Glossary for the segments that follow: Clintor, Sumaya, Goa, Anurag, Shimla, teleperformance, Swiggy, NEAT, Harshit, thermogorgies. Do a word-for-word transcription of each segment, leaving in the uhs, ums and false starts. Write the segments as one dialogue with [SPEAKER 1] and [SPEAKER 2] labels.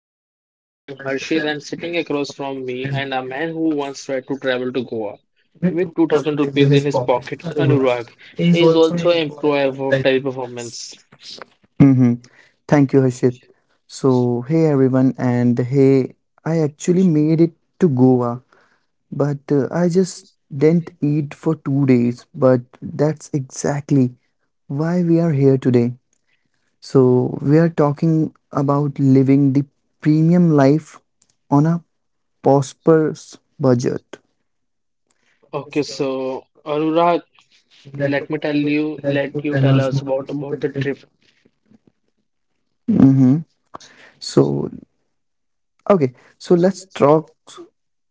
[SPEAKER 1] the show, guys. I am Harshit, and sitting across from me, and a man who once tried to travel to Goa with two thousand rupees in his pocket, Anurag, is also an employee of teleperformance.
[SPEAKER 2] Mm-hmm. Thank you, Harshit. So, hey everyone, and hey, I actually made it to Goa, but uh, I just didn't eat for two days. But that's exactly why we are here today. So, we are talking about living the premium life on a prosperous budget.
[SPEAKER 1] Okay, so Anurag, let me tell you, let you tell us about about the trip.
[SPEAKER 2] Mm-hmm. So Okay, so let's talk.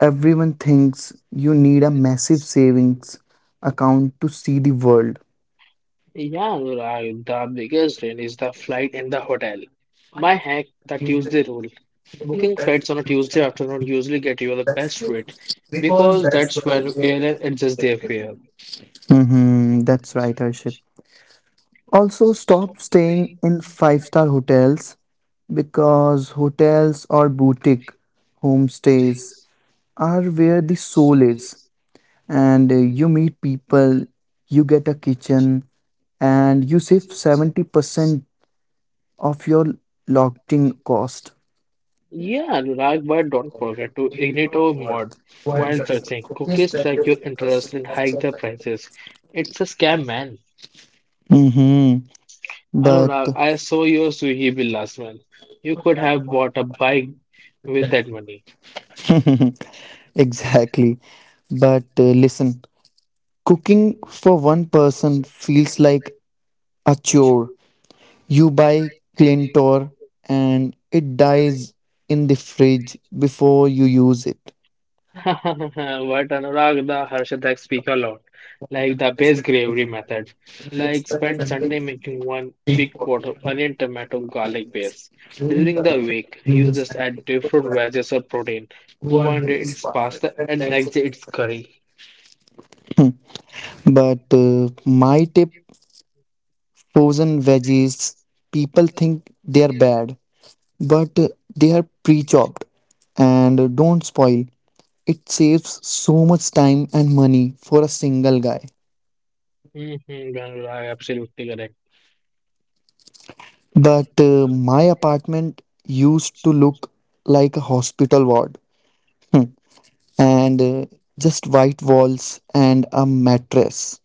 [SPEAKER 2] Everyone thinks you need a massive savings account to see the world.
[SPEAKER 1] Yeah, Anurag, the biggest win is the flight and the hotel. My hack, the Tuesday rule. Booking flights on a Tuesday afternoon usually get you the best rate because that's when airline adjusts their fare.
[SPEAKER 2] Hmm, that's right, Harshit. Also, stop staying in five star hotels because hotels or boutique homestays are where the soul is. And uh, you meet people, you get a kitchen, and you save seventy percent of your lodging cost.
[SPEAKER 1] Yeah, Anurag, but don't forget to ignite our mod while searching. Cookies track your interest and hike the prices. It's a scam, man.
[SPEAKER 2] Hmm. But
[SPEAKER 1] Anurag, I saw your Swiggy bill last month. You could have bought a bike with that money.
[SPEAKER 2] Exactly. But uh, listen, cooking for one person feels like a chore. You buy Clintor and it dies in the fridge before you use it.
[SPEAKER 1] But Anurag, the Harshadek speak a lot, like the base gravy method. Like spend Sunday making one big pot of onion, tomato, garlic base. During the week, you just add different veggies or protein. One day it's pasta, and next day it's curry.
[SPEAKER 2] But uh, my tip, frozen veggies, people think they are bad, but uh, they are pre chopped and uh, don't spoil. It saves so much time and money for a single guy.
[SPEAKER 1] Mm-hmm, Anurag, absolutely correct.
[SPEAKER 2] But uh, my apartment used to look like a hospital ward and uh, just white walls and a mattress.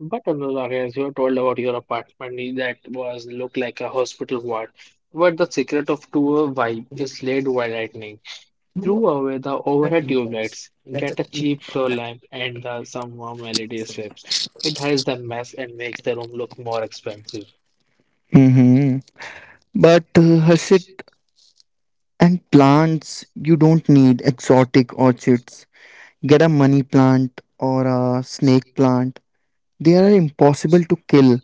[SPEAKER 1] But Anuradha, as you told about your apartment that was looked like a hospital ward, where the secret of true vibe is laid by lightning. Threw away the overhead tube lights, get a cheap floor lamp and uh, some warm L E D strips. It hides the mess and makes the room look more expensive.
[SPEAKER 2] Hmm. But uh, Harshit, and plants, you don't need exotic orchids. Get a money plant or a snake plant. They are impossible to kill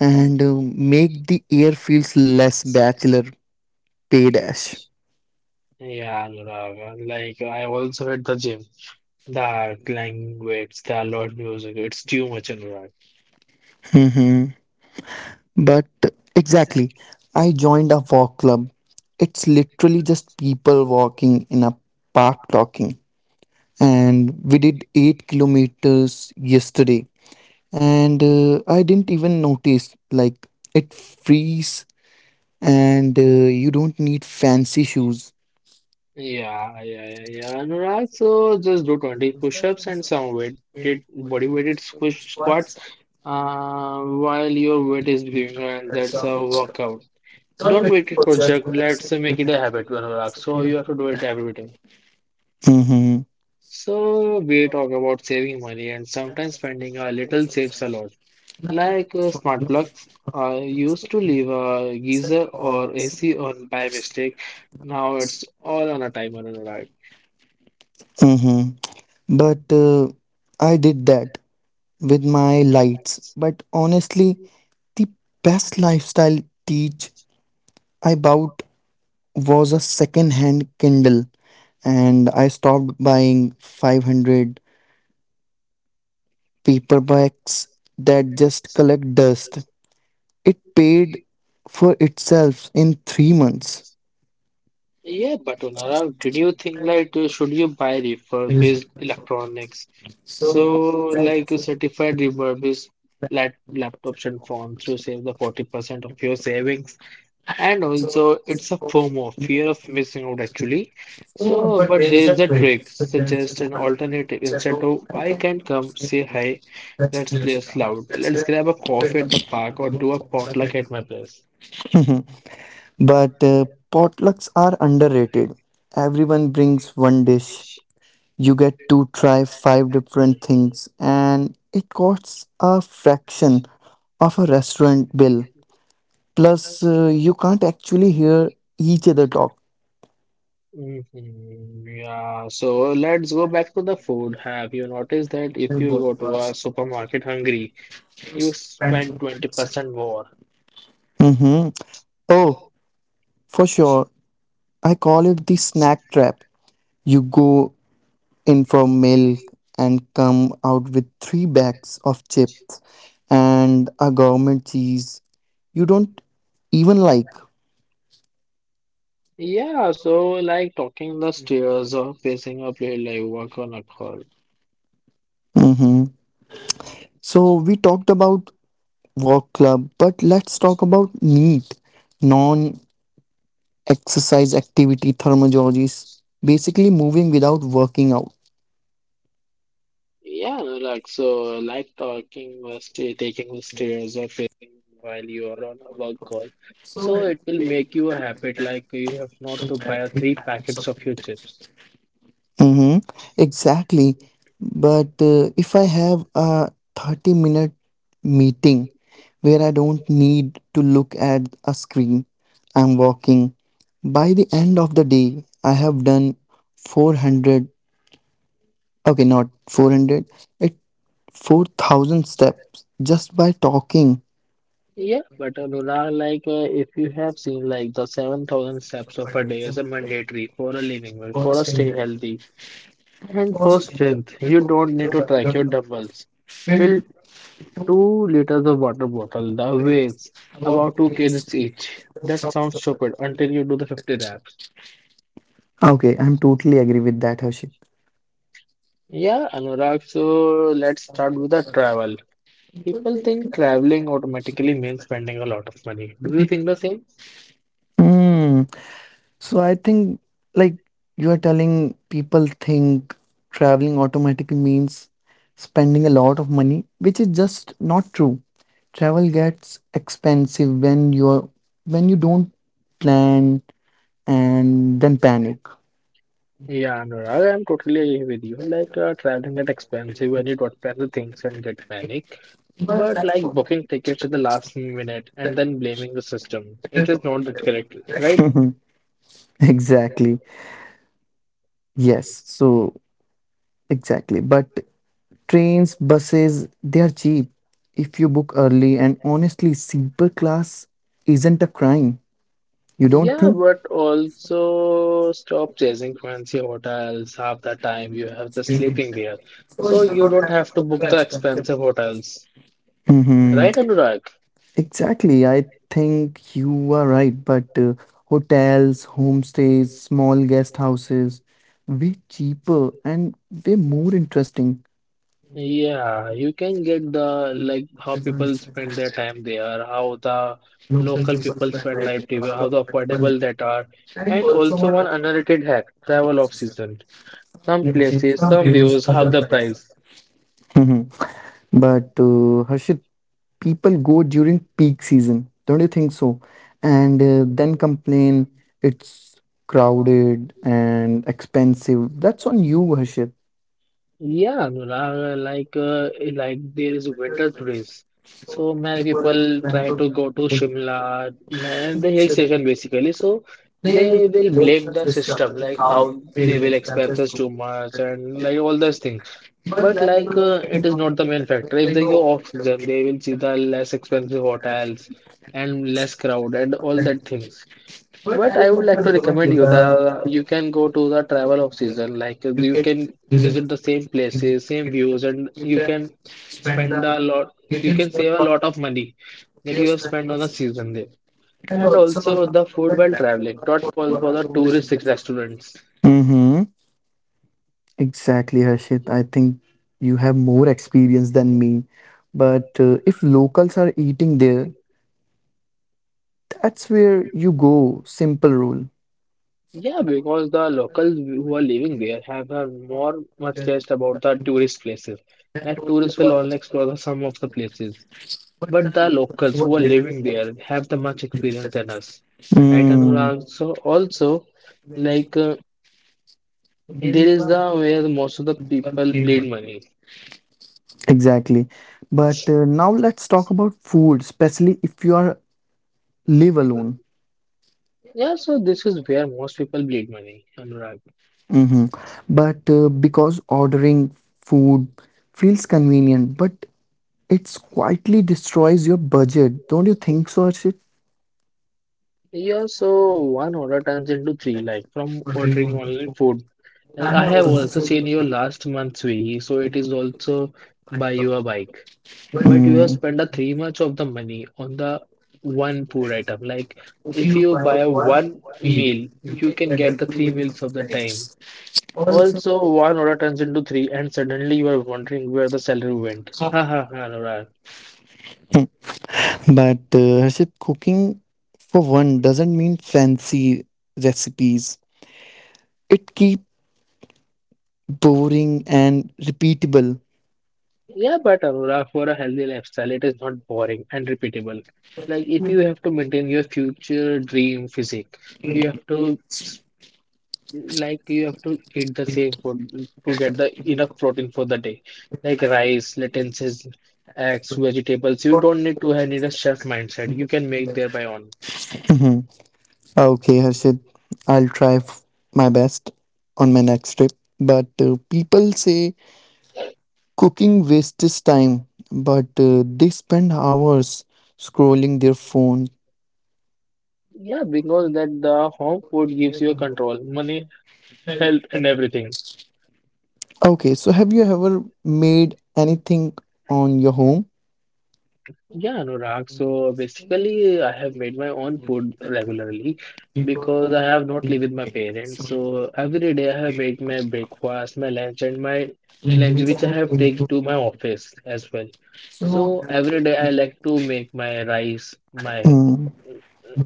[SPEAKER 2] and uh, make the air feels less bachelor pay dash.
[SPEAKER 1] Yeah, Anurag, like I also at the gym, the clang weights, the loud music, it's too much, Anurag.
[SPEAKER 2] But exactly, I joined a
[SPEAKER 1] Manchester
[SPEAKER 2] walk club.
[SPEAKER 1] offered
[SPEAKER 2] It's
[SPEAKER 1] its
[SPEAKER 2] literally just
[SPEAKER 1] entrance
[SPEAKER 2] people
[SPEAKER 1] for
[SPEAKER 2] walking in a park talking. And we did
[SPEAKER 1] partly eight
[SPEAKER 2] eight kilometers
[SPEAKER 1] its
[SPEAKER 2] yesterday.
[SPEAKER 1] history.
[SPEAKER 2] And uh, I didn't even notice, like, it frees and uh, you don't need fancy shoes.
[SPEAKER 1] Yeah, yeah, yeah, yeah. Anurag, so just do twenty push-ups and some weighted body weighted squish squats uh, while your weight is growing, and that's a workout. Don't wait it for jerk. Let's make it a habit, Anurag. So you have to do it every day.
[SPEAKER 2] Hmm.
[SPEAKER 1] So we talk about saving money, and sometimes spending a little saves a lot. Like uh, smart plugs, I used to leave a geyser or A C on by mistake. Now it's all on a timer and a light.
[SPEAKER 2] Hmm. But uh, I did that with my lights. But honestly, the best lifestyle teach about was a second hand Kindle, and I stopped buying five hundred paperbacks that just collect dust. It paid for itself in three months.
[SPEAKER 1] Yeah, but Onara, did you think like uh, should you buy refurbished electronics? So like a certified refurbished lap- laptops and phones to save the forty percent of your savings. And also, it's a FOMO, fear of missing out actually. So, but there is a trick, suggest an alternative. Instead of I can not come, say hi, let's play us loud. Let's grab a coffee at the park or do a potluck at my place.
[SPEAKER 2] But uh, potlucks are underrated. Everyone brings one dish. You get to try five different things, and it costs a fraction of a restaurant bill. Plus, uh, you can't actually hear each other talk.
[SPEAKER 1] Mhm, yeah, so let's go back to the food. Have you noticed that if you go to a supermarket hungry, you spend twenty percent more?
[SPEAKER 2] Hmm. Oh, for sure, I call it the snack trap. You go in for milk and come out with three bags of chips and a gourmet cheese you don't even like.
[SPEAKER 1] Yeah, so like talking the stairs or facing a plate like work on a call.
[SPEAKER 2] Mhm. So, we talked about walk club, but let's talk about NEAT, non exercise activity thermogorgies, basically moving without working out.
[SPEAKER 1] Yeah, no, like so, like talking or sta taking the stairs or pacing while you are on a work call. So it will make you a habit, like you have not to buy a three packets of your chips.
[SPEAKER 2] Mm-hmm. Exactly. But uh, if I have a thirty minute meeting where I don't need to look at a screen, I'm walking. By the end of the day, I have done four hundred, okay, not four hundred, it four thousand steps just by talking.
[SPEAKER 1] Yeah, but uh, Lunar, like uh, if you have seen like the seven thousand steps of a day is a mandatory for a living well, for a stay healthy and for strength, you don't need to track your dumbbells. Two liters of water bottle, the weighs about two kgs each. That sounds stupid until you do the fifty laps.
[SPEAKER 2] Okay, I'm totally agree with that, Harshit.
[SPEAKER 1] Yeah, Anurag, so let's start with the travel. People think traveling automatically means spending a lot of money. Do you think the same?
[SPEAKER 2] So I think, like, you are telling people think traveling automatically means spending a lot of money, which is just not true. Travel gets expensive when you're when you don't plan and then panic.
[SPEAKER 1] Yeah, Anurag, I'm totally agree with you. Like uh, traveling is expensive when you don't plan the things and get panic. But like booking tickets at the last minute and then blaming the system, it is not that correct, right?
[SPEAKER 2] Exactly. Yes.
[SPEAKER 1] Yes. Yes.
[SPEAKER 2] So exactly. But
[SPEAKER 1] But
[SPEAKER 2] trains,
[SPEAKER 1] parents also
[SPEAKER 2] buses, they are
[SPEAKER 1] teach
[SPEAKER 2] cheap if you book early,
[SPEAKER 1] early
[SPEAKER 2] and
[SPEAKER 1] and
[SPEAKER 2] honestly, sleeper class isn't a crime. You don't
[SPEAKER 1] yeah,
[SPEAKER 2] think?
[SPEAKER 1] but also stop chasing fancy hotels. Half the time you have just sleeping there. So you don't have to book the expensive hotels. Right, Anurag?
[SPEAKER 2] Exactly. I think you are right, but uh, hotels, homestays, small guest houses, way cheaper and way more interesting.
[SPEAKER 1] Yeah, you can get the like how people spend their time there, how the local people spend life there, how the affordable that are, and also one underrated hack, travel off season. Some places, some views, half the price.
[SPEAKER 2] Mhm. But uh, Harshit, people go during peak season, don't you think so? And uh, then complain it's crowded and expensive. That's on you, Harshit.
[SPEAKER 1] Yeah, Anurag, uh, like uh, like there is winter tourist. So many people try to go to Shimla, man, the hill station basically. So they will blame the system, like how they will expenses too much and like all those things. But like uh, it is not the main factor. If they go off season, they will see the less expensive hotels and less crowd and all that things. But I would like to recommend you the you can go to the travel off season. Like uh, you can visit the same places, same views, and you can spend a lot. You can save a lot of money that you have spent on the season there. And also the food while traveling, not for, for the tourist restaurants.
[SPEAKER 2] Hmm. Exactly, Harshit. I think you have more experience than me. But uh, if locals are eating there, that's where you go. Simple rule.
[SPEAKER 1] Yeah, because the locals who are living there have a more much taste about the tourist places. Like tourists will only explore the some of the places, but the locals who are living there have the much experience than us, right? And
[SPEAKER 2] Mm,
[SPEAKER 1] also, also, like uh, there is the where most of the people bleed money.
[SPEAKER 2] exactly. But uh, now let's talk about food, especially if you are live alone.
[SPEAKER 1] Yeah, so this is where most people bleed money, Anurag.
[SPEAKER 2] Hmm. But uh, because ordering food feels convenient, but it's quietly destroys your budget. Don't you think so,
[SPEAKER 1] Yeah, so one order turns into three, like from ordering online food. Like I have also seen your last month's Swiggy, so it is also buy you a bike. But you have
[SPEAKER 2] Harshit?
[SPEAKER 1] spent a three much of the money on the one food item. Like if you buy a one meal, you can get the three meals of the time. Also, one order turns into three, and suddenly you are wondering where the salary went. Ha ha ha, Anurag.
[SPEAKER 2] But uh, Harshit, cooking for one doesn't mean fancy recipes. It keep boring and repeatable.
[SPEAKER 1] Yeah, but Aurora, for a healthy lifestyle, it is not boring and repeatable. Like, if you have to maintain your future dream physique, you have to, s- like, you have to eat the same food to get the enough protein for the day, like rice, lentil, eggs, vegetables. You don't need to have need a chef mindset. You can make there by own.
[SPEAKER 2] Mhm. Okay, Harshit, I'll try f- my best on my next trip. But uh, people say cooking wastes time, but uh, they spend hours scrolling their phone.
[SPEAKER 1] Yeah, because that the home food gives you control, money, health, and everything.
[SPEAKER 2] Okay, so have you ever made anything on your home?
[SPEAKER 1] Yeah, Anurag. So basically, I have made my own food regularly because I have not lived with my parents. So every day I have made my breakfast, my lunch, and my lunch, which I have take to my office as well. So every day I like to make my rice, my
[SPEAKER 2] Mm.
[SPEAKER 1] uh,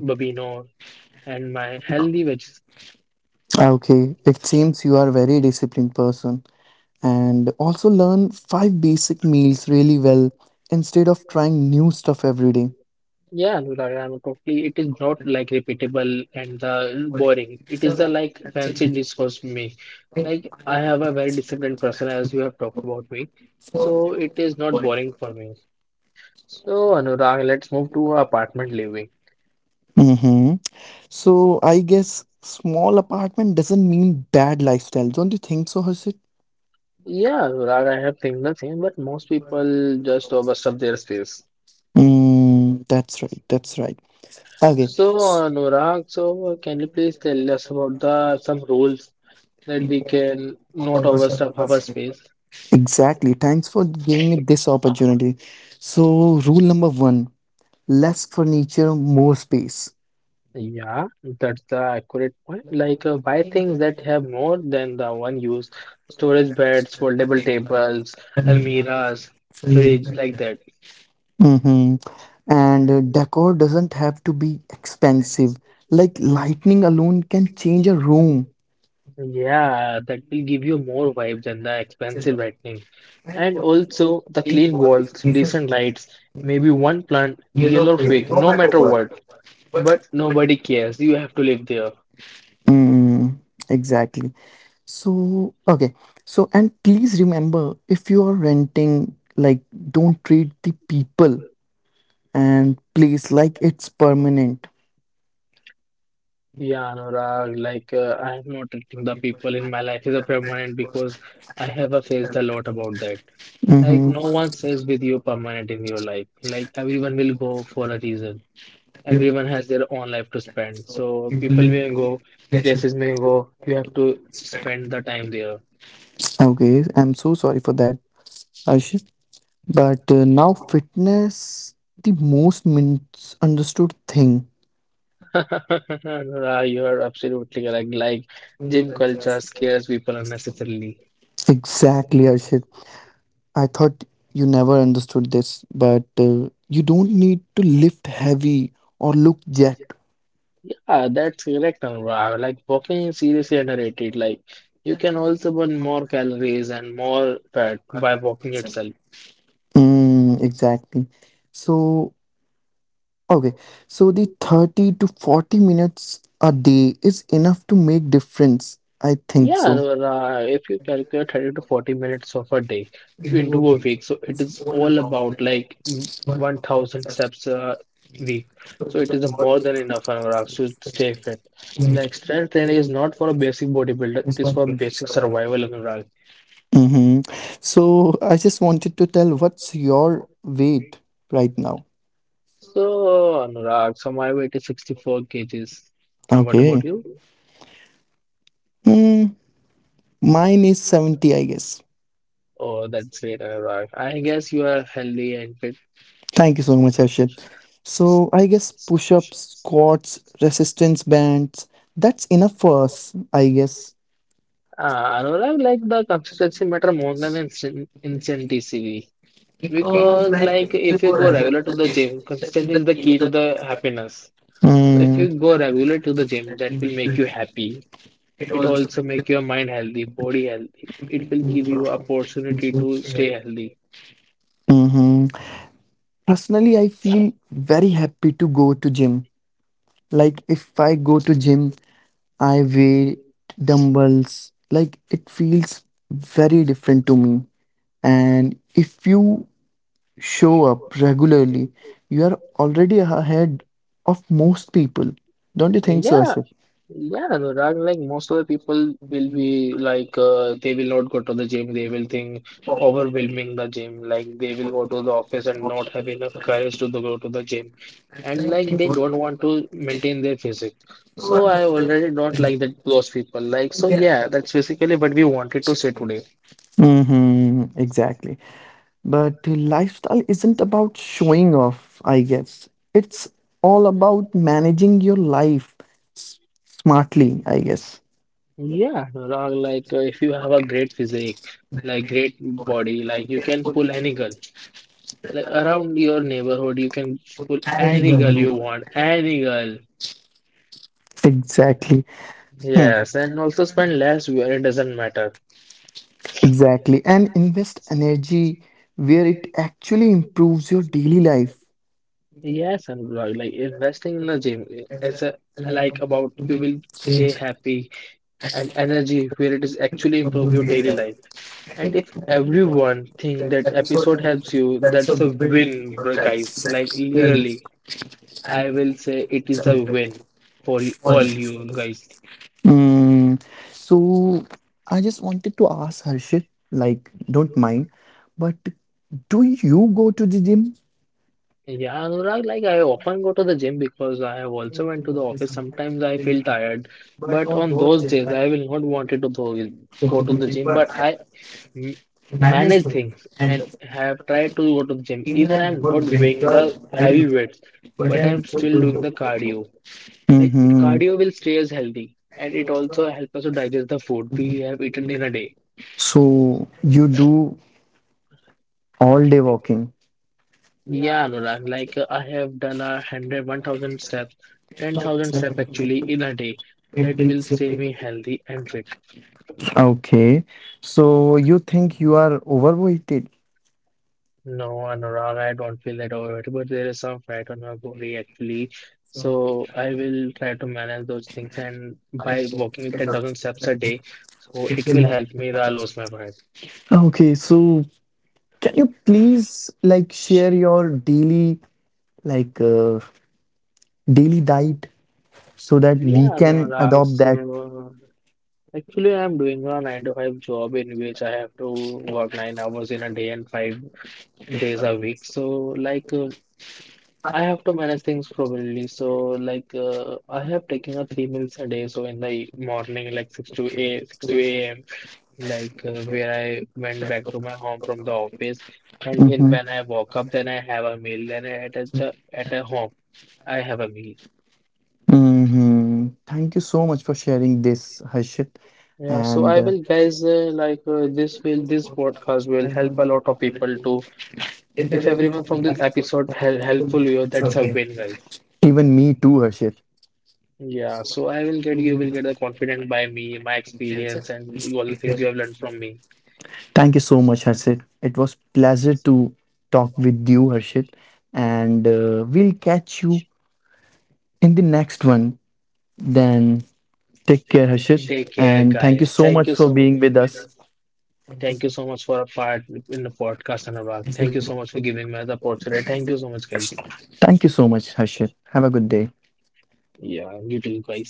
[SPEAKER 1] babino, and my healthy veg.
[SPEAKER 2] Okay, it seems you are a very disciplined person. And also learn five basic meals really well instead of trying new stuff every day.
[SPEAKER 1] Yeah, Anurag, I'm totally. It is not like repeatable and the boring. It is the like fancy dish for me. Like I have a very disciplined person, as you have talked about me, so it is not boring for me. So Anurag, let's move to apartment living.
[SPEAKER 2] Mhm. So I guess small apartment doesn't mean bad lifestyle. Don't you think so, Harshit?
[SPEAKER 1] Yeah, Anurag, I have think the same, but most people just overstep their space.
[SPEAKER 2] Mm, that's right. That's right. Okay.
[SPEAKER 1] So
[SPEAKER 2] s-
[SPEAKER 1] Anurag, so can you please tell us about the some rules that we can not overstep our space?
[SPEAKER 2] Exactly. Thanks for giving me this opportunity. So, rule number one, less furniture, more space.
[SPEAKER 1] Yeah, that's the accurate point. Like, uh, buy things that have more than the one use. Storage beds, foldable tables, almiras, fridge, like that.
[SPEAKER 2] Mm-hmm. And uh, decor doesn't have to be expensive. Like lightning alone can change a room.
[SPEAKER 1] Yeah, that will give you more vibe than the expensive lightning. And also the clean walls, decent lights, maybe one plant, real or fake, no matter what. But nobody cares. You have to live there.
[SPEAKER 2] Mm, exactly. So, okay. So, and please remember if you are renting, like, don't treat the people and place like it's permanent.
[SPEAKER 1] Yeah, Anurag, like uh, I am not treating the people in my life as a permanent because I have uh, faced a lot about that. Like
[SPEAKER 2] Mm-hmm.
[SPEAKER 1] no one stays with you permanent in your life. Like everyone will go for a reason. Everyone has their own life to spend. So people may go, places may go. You have to spend the time there.
[SPEAKER 2] Okay. I'm so sorry for that, Ashish. But uh, now, fitness, the most misunderstood thing.
[SPEAKER 1] Anurag, you are absolutely correct. Like gym culture scares people unnecessarily.
[SPEAKER 2] Exactly, Arshit. I thought you never understood this, but uh, you don't need to lift heavy or look jacked.
[SPEAKER 1] Ah, that's correct, Anurag. Like walking is seriously underrated. Like you can also burn more calories and more fat by walking itself.
[SPEAKER 2] Mm, exactly. So, okay. So the thirty to forty minutes a day is enough to make difference. I think
[SPEAKER 1] Yeah,
[SPEAKER 2] so.
[SPEAKER 1] Anurag. If you calculate thirty to forty minutes of a day into a week, so it is all about like mm, one thousand steps a week. So it is more than enough, Anurag, to stay fit. Like strength training is not for a basic bodybuilder, it is for basic survival, Anurag.
[SPEAKER 2] Mm-hmm. So I just wanted to tell, what's your weight right now?
[SPEAKER 1] So, Anurag, so my weight is sixty-four kgs. Uh, what about
[SPEAKER 2] Okay.
[SPEAKER 1] you?
[SPEAKER 2] Mm, mine is seventy, I guess.
[SPEAKER 1] Oh, that's great, Anurag. I guess you are healthy and fit.
[SPEAKER 2] Thank you so much, Harshit. So I guess push-ups, squats, resistance bands, that's enough for us, I guess.
[SPEAKER 1] Uh, Anurag, like the consistency matter more than incen- intensity because like if you go regular to the gym, consistent is the key to the happiness. So if
[SPEAKER 2] Mm.
[SPEAKER 1] you go regular to the gym, that will make you happy. It also make your mind healthy, body healthy. It will give you opportunity to stay healthy.
[SPEAKER 2] Hmm. Personally, I feel very happy to go to gym. Like if I go to gym, I weigh dumbbells. Like it feels very different to me. And if you show up regularly, you are already ahead of most people. Don't you think so,
[SPEAKER 1] Yeah,
[SPEAKER 2] Harshit?
[SPEAKER 1] yeah, Anurag, like most of the people will be like, uh, they will not go to the gym. They will think overwhelming the gym. Like they will go to the office and not have enough courage to the- go to the gym. And like they don't want to maintain their physique. So I already don't like that those people. Like, so yeah, that's basically what we wanted to say today.
[SPEAKER 2] Hmm, exactly. But lifestyle isn't about showing off, I guess. It's all about managing your life s- smartly, I guess.
[SPEAKER 1] Yeah, Anurag, like uh, if you have a great physique, like great body, like you can pull any girl. Like around your neighborhood, you can pull any girl you want, any girl.
[SPEAKER 2] Exactly. Hmm,
[SPEAKER 1] Yes, and also spend less where it doesn't matter.
[SPEAKER 2] exactly. And invest energy where it actually improves your daily life.
[SPEAKER 1] Yes, and blog like investing in the gym is a like about you will stay happy and energy where it is actually improve your daily life. And if everyone think that episode helps you, that's a win, bro, guys. Like really. I will say it is a win for y- all you guys.
[SPEAKER 2] Mm. So I just wanted to ask Harshit, like, don't mind, but do you go to the gym?
[SPEAKER 1] Yeah, Anurag, like I often go to the gym because I have also went to the office. Sometimes I feel tired, but on those days I will not wanted to go, go to the gym. But I m- manage things and have tried to go to the gym. Even I'm not doing the heavy weights, but I'm still doing the cardio. Like
[SPEAKER 2] Mm-hmm.
[SPEAKER 1] cardio will stay us healthy, and it also helps us to digest the food we have eaten in a day.
[SPEAKER 2] So you do all day walking.
[SPEAKER 1] Yeah, Anurag, like uh, I have done a hundred, one thousand steps, ten thousand steps actually in a day. That will stay me healthy and fit.
[SPEAKER 2] Okay. So you think you are overweighted?
[SPEAKER 1] No, Anurag, I don't feel that over it, but there is some fat on my body actually. So I will try to manage those things and by walking ten thousand steps a day, so it will help me that I lose my weight.
[SPEAKER 2] Okay. So can you please, like, share your daily like uh, daily diet so that we
[SPEAKER 1] Yeah,
[SPEAKER 2] can
[SPEAKER 1] Anurag,
[SPEAKER 2] adopt that?
[SPEAKER 1] so actually, I'm doing a nine to five job in which I have to work nine hours in a day and five days a week. So, like, uh, I have to manage things properly. So, like, uh, I have taken a three meals a day. So, in the morning, like six to a six to a m, like uh, where I went back to my home from the office, and in
[SPEAKER 2] Mm-hmm.
[SPEAKER 1] when I woke up, then I have a meal. Then at a, at a home, I have a meal.
[SPEAKER 2] Mm-hmm. Thank you so much for sharing this, Harshit,
[SPEAKER 1] Yeah, so
[SPEAKER 2] and
[SPEAKER 1] I
[SPEAKER 2] uh,
[SPEAKER 1] will, guys, uh, like uh, this will this podcast will help a lot of people to. If everyone from this episode hel helpful, you that's a win, guys.
[SPEAKER 2] even me too, Harshit.
[SPEAKER 1] Yeah, so I will get you will get the confident by me, my experience, and all the things you have learned from me.
[SPEAKER 2] Thank you so much, Harshit. It was pleasure to talk with you, Harshit, and uh, we'll catch you in the next one. Then take care, Harshit.
[SPEAKER 1] Take care,
[SPEAKER 2] And thank you
[SPEAKER 1] guys.
[SPEAKER 2] so
[SPEAKER 1] Thank
[SPEAKER 2] much
[SPEAKER 1] you
[SPEAKER 2] for
[SPEAKER 1] so much.
[SPEAKER 2] being with us.
[SPEAKER 1] Thank you so much for a part in the podcast, Anurag. Thank you so much for giving me the opportunity. Thank you so much, guys.
[SPEAKER 2] Thank you so much, Harshit. Have a good day.
[SPEAKER 1] Yeah, you doing great.